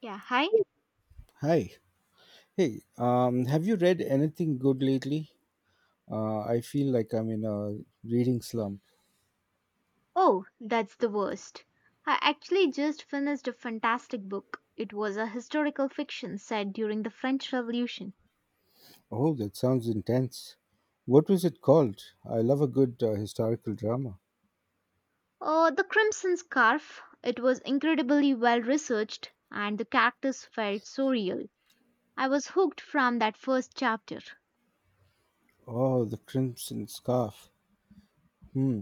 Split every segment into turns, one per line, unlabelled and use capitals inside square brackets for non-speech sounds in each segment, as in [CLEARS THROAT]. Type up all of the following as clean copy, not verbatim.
Yeah, hi.
Hi. Hey, have you read anything good lately? I feel like I'm in a reading slump.
Oh, that's the worst. I actually just finished a fantastic book. It was a historical fiction set during the French Revolution.
Oh, that sounds intense. What was it called? I love a good historical drama.
Oh, The Crimson Scarf. It was incredibly well researched and the characters felt so real. I was hooked from that first chapter.
Oh, The Crimson Scarf. Hmm.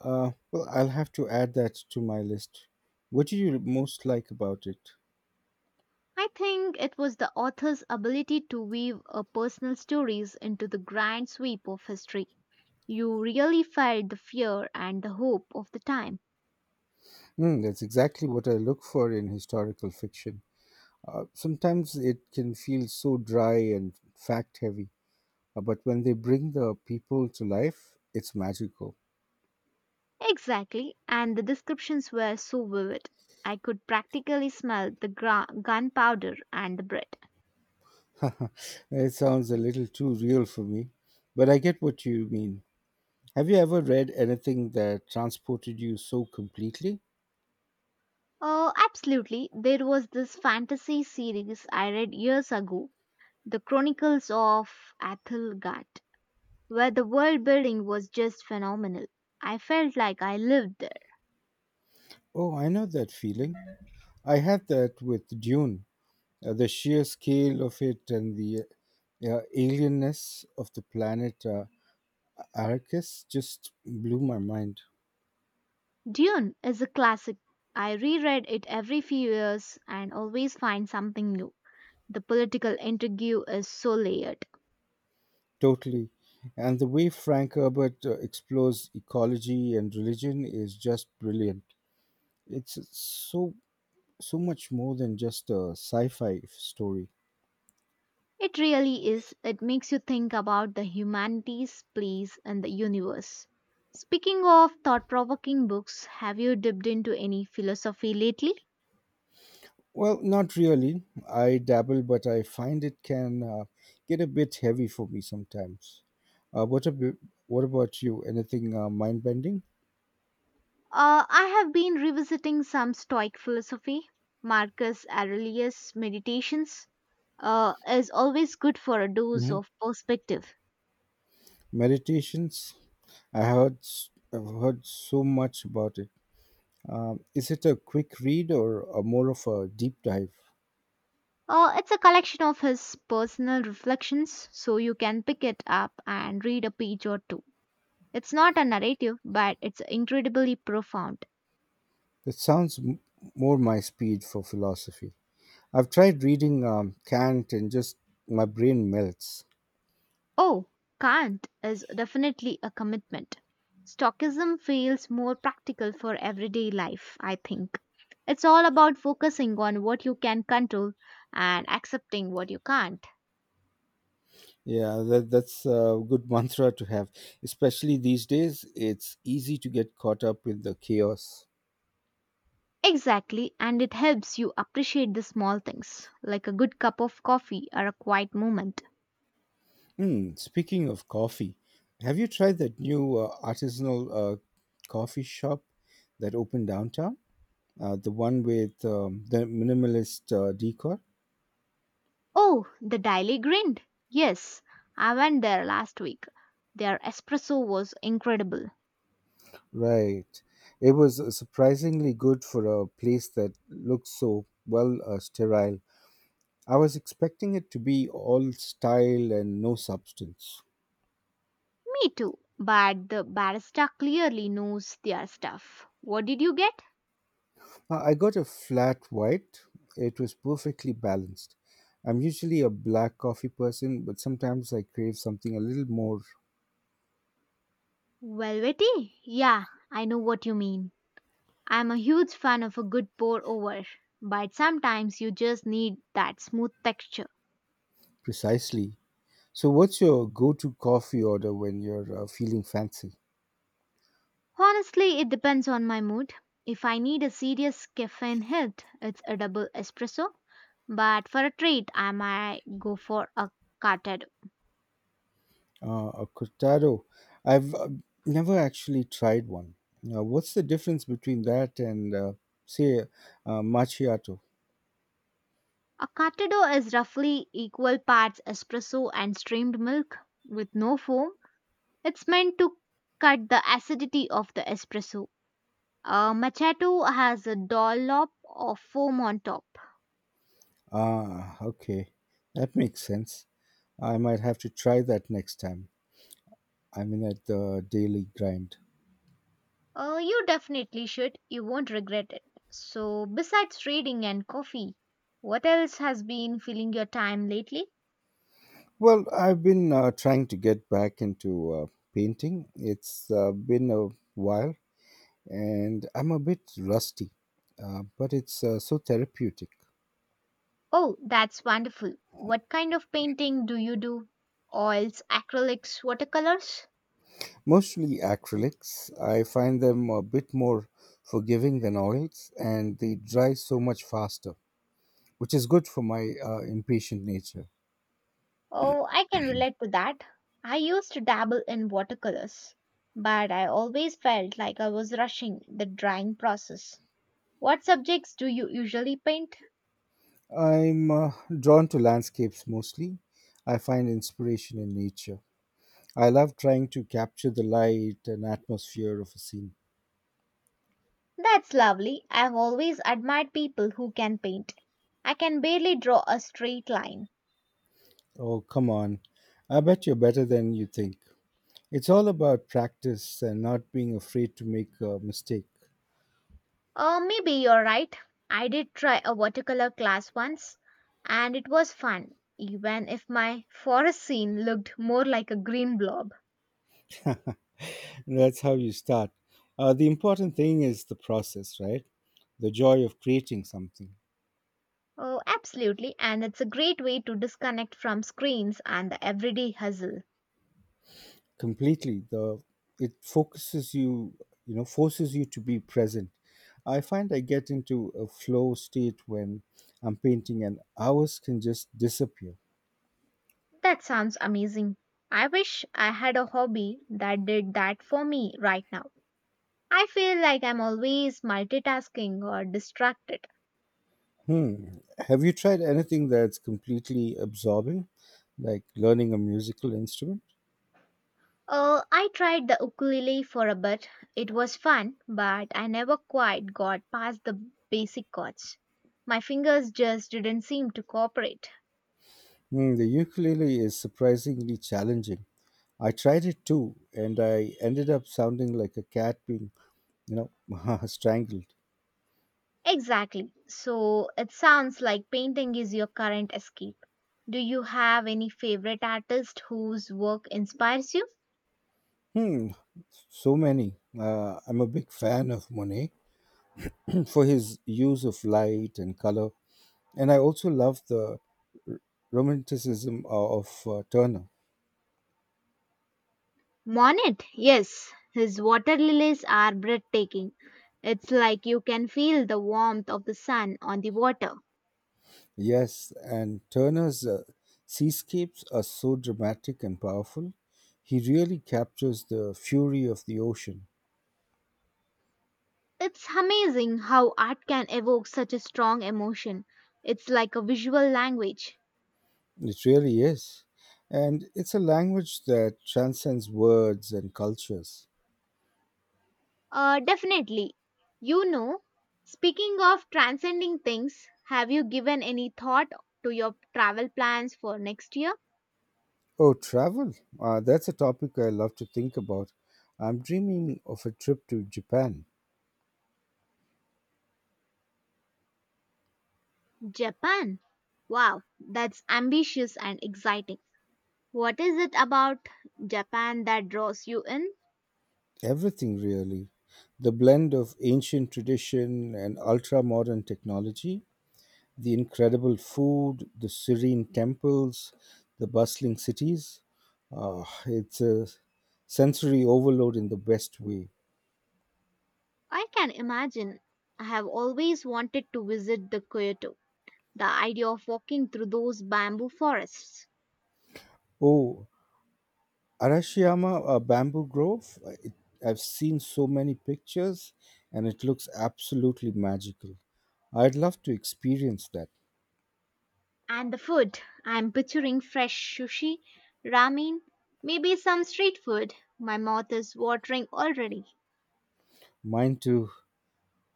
Well, I'll have to add that to my list. What do you most like about it?
I think it was the author's ability to weave a personal stories into the grand sweep of history. You really felt the fear and the hope of the time.
Hmm, that's exactly what I look for in historical fiction. Sometimes it can feel so dry and fact heavy. But when they bring the people to life, it's magical.
Exactly, and the descriptions were so vivid. I could practically smell the gunpowder and the bread.
[LAUGHS] It sounds a little too real for me, but I get what you mean. Have you ever read anything that transported you so completely?
Oh, absolutely. There was this fantasy series I read years ago, The Chronicles of Athelgard, where the world building was just phenomenal. I felt like I lived there.
Oh, I know that feeling. I had that with Dune. The sheer scale of it and the alienness of the planet, Arrakis, just blew my mind.
Dune is a classic. I reread it every few years and always find something new. The political intrigue is so layered.
Totally. And the way Frank Herbert explores ecology and religion is just brilliant. It's so much more than just a sci-fi story.
It really is. It makes you think about the humanities' place in the universe. Speaking of thought provoking books, have you dipped into any philosophy lately?
Well, not really. I dabble, but I find it can get a bit heavy for me sometimes. Uh, what about what about you? Anything mind-bending?
I have been revisiting some Stoic philosophy. Marcus Aurelius' Meditations is always good for a dose
Hmm.
of perspective.
Meditations. I've heard so much about it. Is it a quick read or a more of a deep dive?
It's a collection of his personal reflections, so you can pick it up and read a page or two. It's not a narrative, but it's incredibly profound.
That sounds m- More my speed for philosophy. I've tried reading Kant and just my brain melts.
Oh, can't is definitely a commitment. Stoicism feels more practical for everyday life, I think. It's all about focusing on what you can control and accepting what you can't.
Yeah, that's a good [LAUGHS] mantra to have, especially these days. It's easy to get caught up in the chaos.
Exactly, and it helps you appreciate the small things, like a good cup of coffee or a quiet moment.
Hmm, speaking of coffee, have you tried that new artisanal coffee shop that opened downtown? The one with the minimalist decor?
Oh, the Daily Grind. Yes, I went there last week. Their espresso was incredible.
Right. It was surprisingly good for a place that looked so, well, sterile. I was expecting it to be all style and no substance.
Me too, but the barista clearly knows their stuff. What did you get?
I got a flat white. It was perfectly balanced. I'm usually a black coffee person, but sometimes I crave something a little more
Velvety? Yeah, I know what you mean. I'm a huge fan of a good pour over, but sometimes you just need that smooth texture.
precisely. So, what's your go to coffee order when you're feeling fancy?
Honestly, it depends on my mood. If I need a serious caffeine hit, it's a double espresso. But for a treat, I might go for a cartado.
A cortado. I've never actually tried one. Now, what's the difference between that and, say, macchiato?
A cartado is roughly equal parts espresso and steamed milk with no foam. It's meant to cut the acidity of the espresso. Machato has a dollop of foam on top.
Ah, okay. That makes sense. I might have to try that next time. I mean, at the daily grind.
You definitely should. You won't regret it. So, besides reading and coffee, what else has been filling your time lately?
Well, I've been trying to get back into painting. It's been a while and I'm a bit rusty, but it's so therapeutic.
Oh, that's wonderful. What kind of painting do you do? Oils, acrylics, watercolors?
Mostly acrylics. I find them a bit more forgiving than oils, and they dry so much faster, which is good for my impatient nature.
Oh, I can relate to that. I used to dabble in watercolors, but I always felt like I was rushing the drying process. What subjects do you usually paint?
I'm drawn to landscapes mostly. I find inspiration in nature. I love trying to capture the light and atmosphere of a scene.
That's lovely. I've always admired people who can paint. I can barely draw a straight line.
Oh, come on. I bet you're better than you think. It's all about practice and not being afraid to make a mistake.
Maybe you're right. I did try a watercolor class once, and it was fun, even if my forest scene looked more like a green blob.
That's how you start. The important thing is the process, right? The joy of creating something
Oh, absolutely. And it's a great way to disconnect from screens and the everyday hustle.
completely. The It focuses you, you know, forces you to be present. I find I get into a flow state when I'm painting, and hours can just disappear.
That sounds amazing. I wish I had a hobby that did that for me right now. I feel like I'm always multitasking or distracted.
Hmm. Have you tried anything that's completely absorbing, like learning a musical instrument?
I tried the ukulele for a bit. It was fun, but I never quite got past the basic chords. My fingers just didn't seem to cooperate.
Hmm, the ukulele is surprisingly challenging. I tried it too, and I ended up sounding like a cat being, you know, [LAUGHS] strangled.
Exactly. So it sounds like painting is your current escape. Do you have any favorite artist whose work inspires you?
Hmm, so many. I'm a big fan of Monet [CLEARS THROAT] for his use of light and color, and I also love the romanticism of Turner.
Monet, yes, his water lilies are breathtaking. It's like you can feel the warmth of the sun on the water.
Yes, and Turner's seascapes are so dramatic and powerful. He really captures the fury of the ocean.
It's amazing how art can evoke such a strong emotion. It's like a visual language.
It really is. And it's a language that transcends words and cultures.
Definitely. You know, speaking of transcending things, have you given any thought to your travel plans for next year?
Oh, travel. That's a topic I love to think about. I'm dreaming of a trip to Japan.
Japan. Wow, that's ambitious and exciting. What is it about Japan that draws you in?
Everything, really. The blend of ancient tradition and ultra modern technology, the incredible food, the serene temples, the bustling cities. It's a sensory overload in the best way.
I can imagine. I have always wanted to visit the Kyoto. The idea of walking through those bamboo forests.
Oh, Arashiyama Bamboo Grove, I've seen so many pictures, and it looks absolutely magical. I'd love to experience that.
And the food. I'm picturing fresh sushi, ramen, maybe some street food. My mouth is watering already.
Mine too.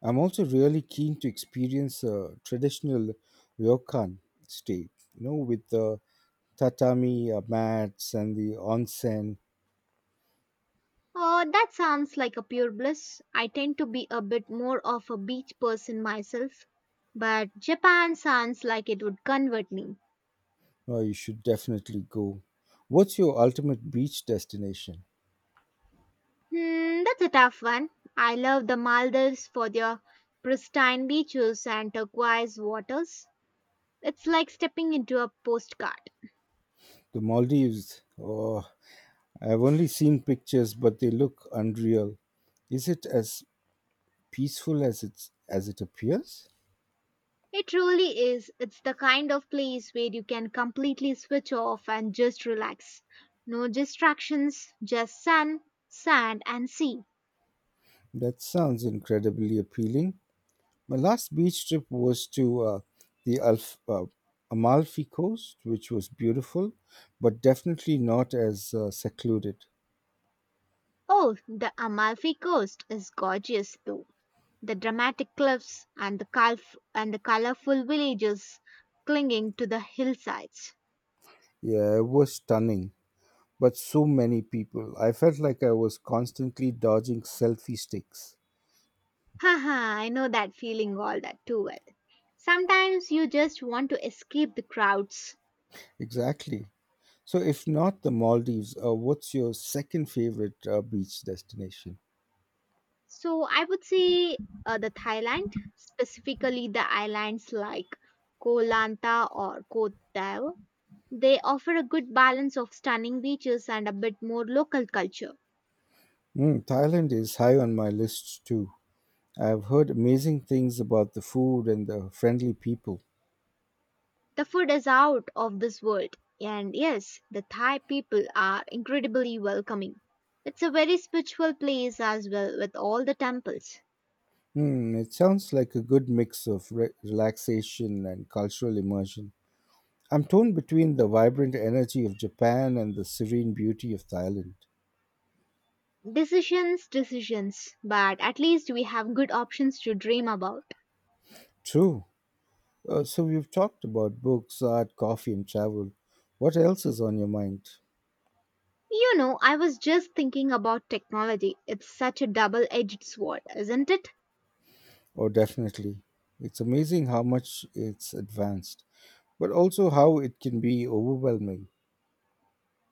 I'm also really keen to experience a traditional ryokan stay, you know, with the tatami mats and the onsen.
Oh, that sounds like a pure bliss. I tend to be a bit more of a beach person myself, but Japan sounds like it would convert me.
Oh, you should definitely go. What's your ultimate beach destination?
Hmm, that's a tough one. I love the Maldives for their pristine beaches and turquoise waters. It's like stepping into a postcard.
The Maldives. Oh, I've only seen pictures, but they look unreal. Is it as peaceful as it appears?
It truly is. It's the kind of place where you can completely switch off and just relax. No distractions, just sun, sand, and sea.
That sounds incredibly appealing. My last beach trip was to the Amalfi Coast, which was beautiful, but definitely not as secluded.
Oh, the Amalfi Coast is gorgeous though. The dramatic cliffs and the and the colorful villages clinging to the hillsides.
Yeah, it was stunning, but so many people. I felt like I was constantly dodging selfie sticks.
Haha, I know that feeling all that too well. Sometimes you just want to escape the crowds.
Exactly. So, if not the Maldives, what's your second favorite beach destination?
So I would say the Thailand, specifically the islands like Koh Lanta or Koh Tao, they offer a good balance of stunning beaches and a bit more local culture.
Mm, Thailand is high on my list too. I've heard amazing things about the food and the friendly people.
The food is out of this world, and yes, the Thai people are incredibly welcoming. It's a very spiritual place as well, with all the temples.
Hmm, it sounds like a good mix of relaxation and cultural immersion. I'm torn between the vibrant energy of Japan and the serene beauty of Thailand.
Decisions, decisions, but at least we have good options to dream about.
True. So we've talked about books, art, coffee, and travel. What else is on your mind?
You know, I was just thinking about technology. It's such a double edged sword, isn't it?
Oh, definitely. It's amazing how much it's advanced, but also how it can be overwhelming.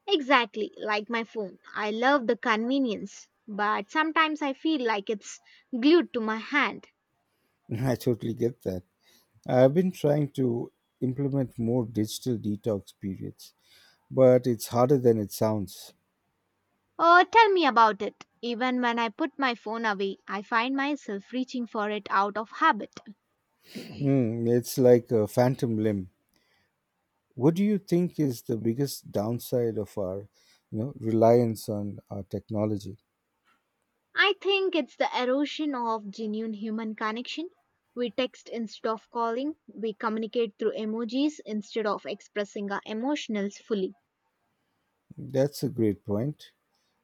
Exactly, like my phone. I love the convenience, but sometimes I feel like it's glued to my hand.
[LAUGHS] I totally get that. I've been trying to implement more digital detox periods, but it's harder than it sounds.
Oh, tell me about it. Even when I put my phone away, I find myself reaching for it out of habit.
Hmm, it's like a phantom limb. What do you think is the biggest downside of our, you know, reliance on our technology?
I think it's the erosion of genuine human connection. We text instead of calling, we communicate through emojis instead of expressing our emotions fully.
That's a great point.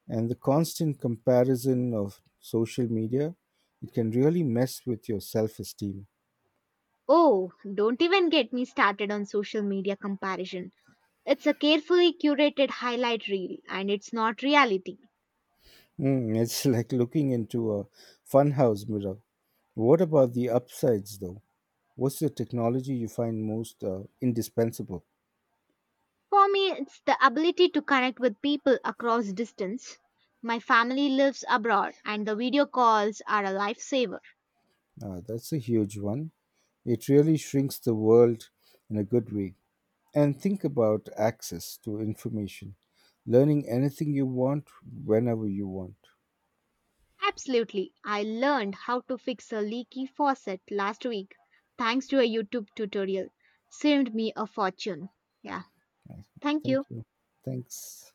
And the constant comparison of social media, it can really mess with your self-esteem.
Oh, don't even get me started on social media comparison. It's a carefully curated highlight reel and it's not reality.
Mm, it's [LAUGHS] like looking into a funhouse mirror. What about the upsides though? What's the technology you find most indispensable?
For me, it's the ability to connect with people across distance. My family lives abroad and the video calls are a lifesaver.
That's a huge one. It really shrinks the world, in a good way. And think about access to information, learning anything you want, whenever you want.
Absolutely, I learned how to fix a leaky faucet last week thanks to a YouTube tutorial. Saved me a fortune. Yeah, thank
Thank
you.
you. Thanks.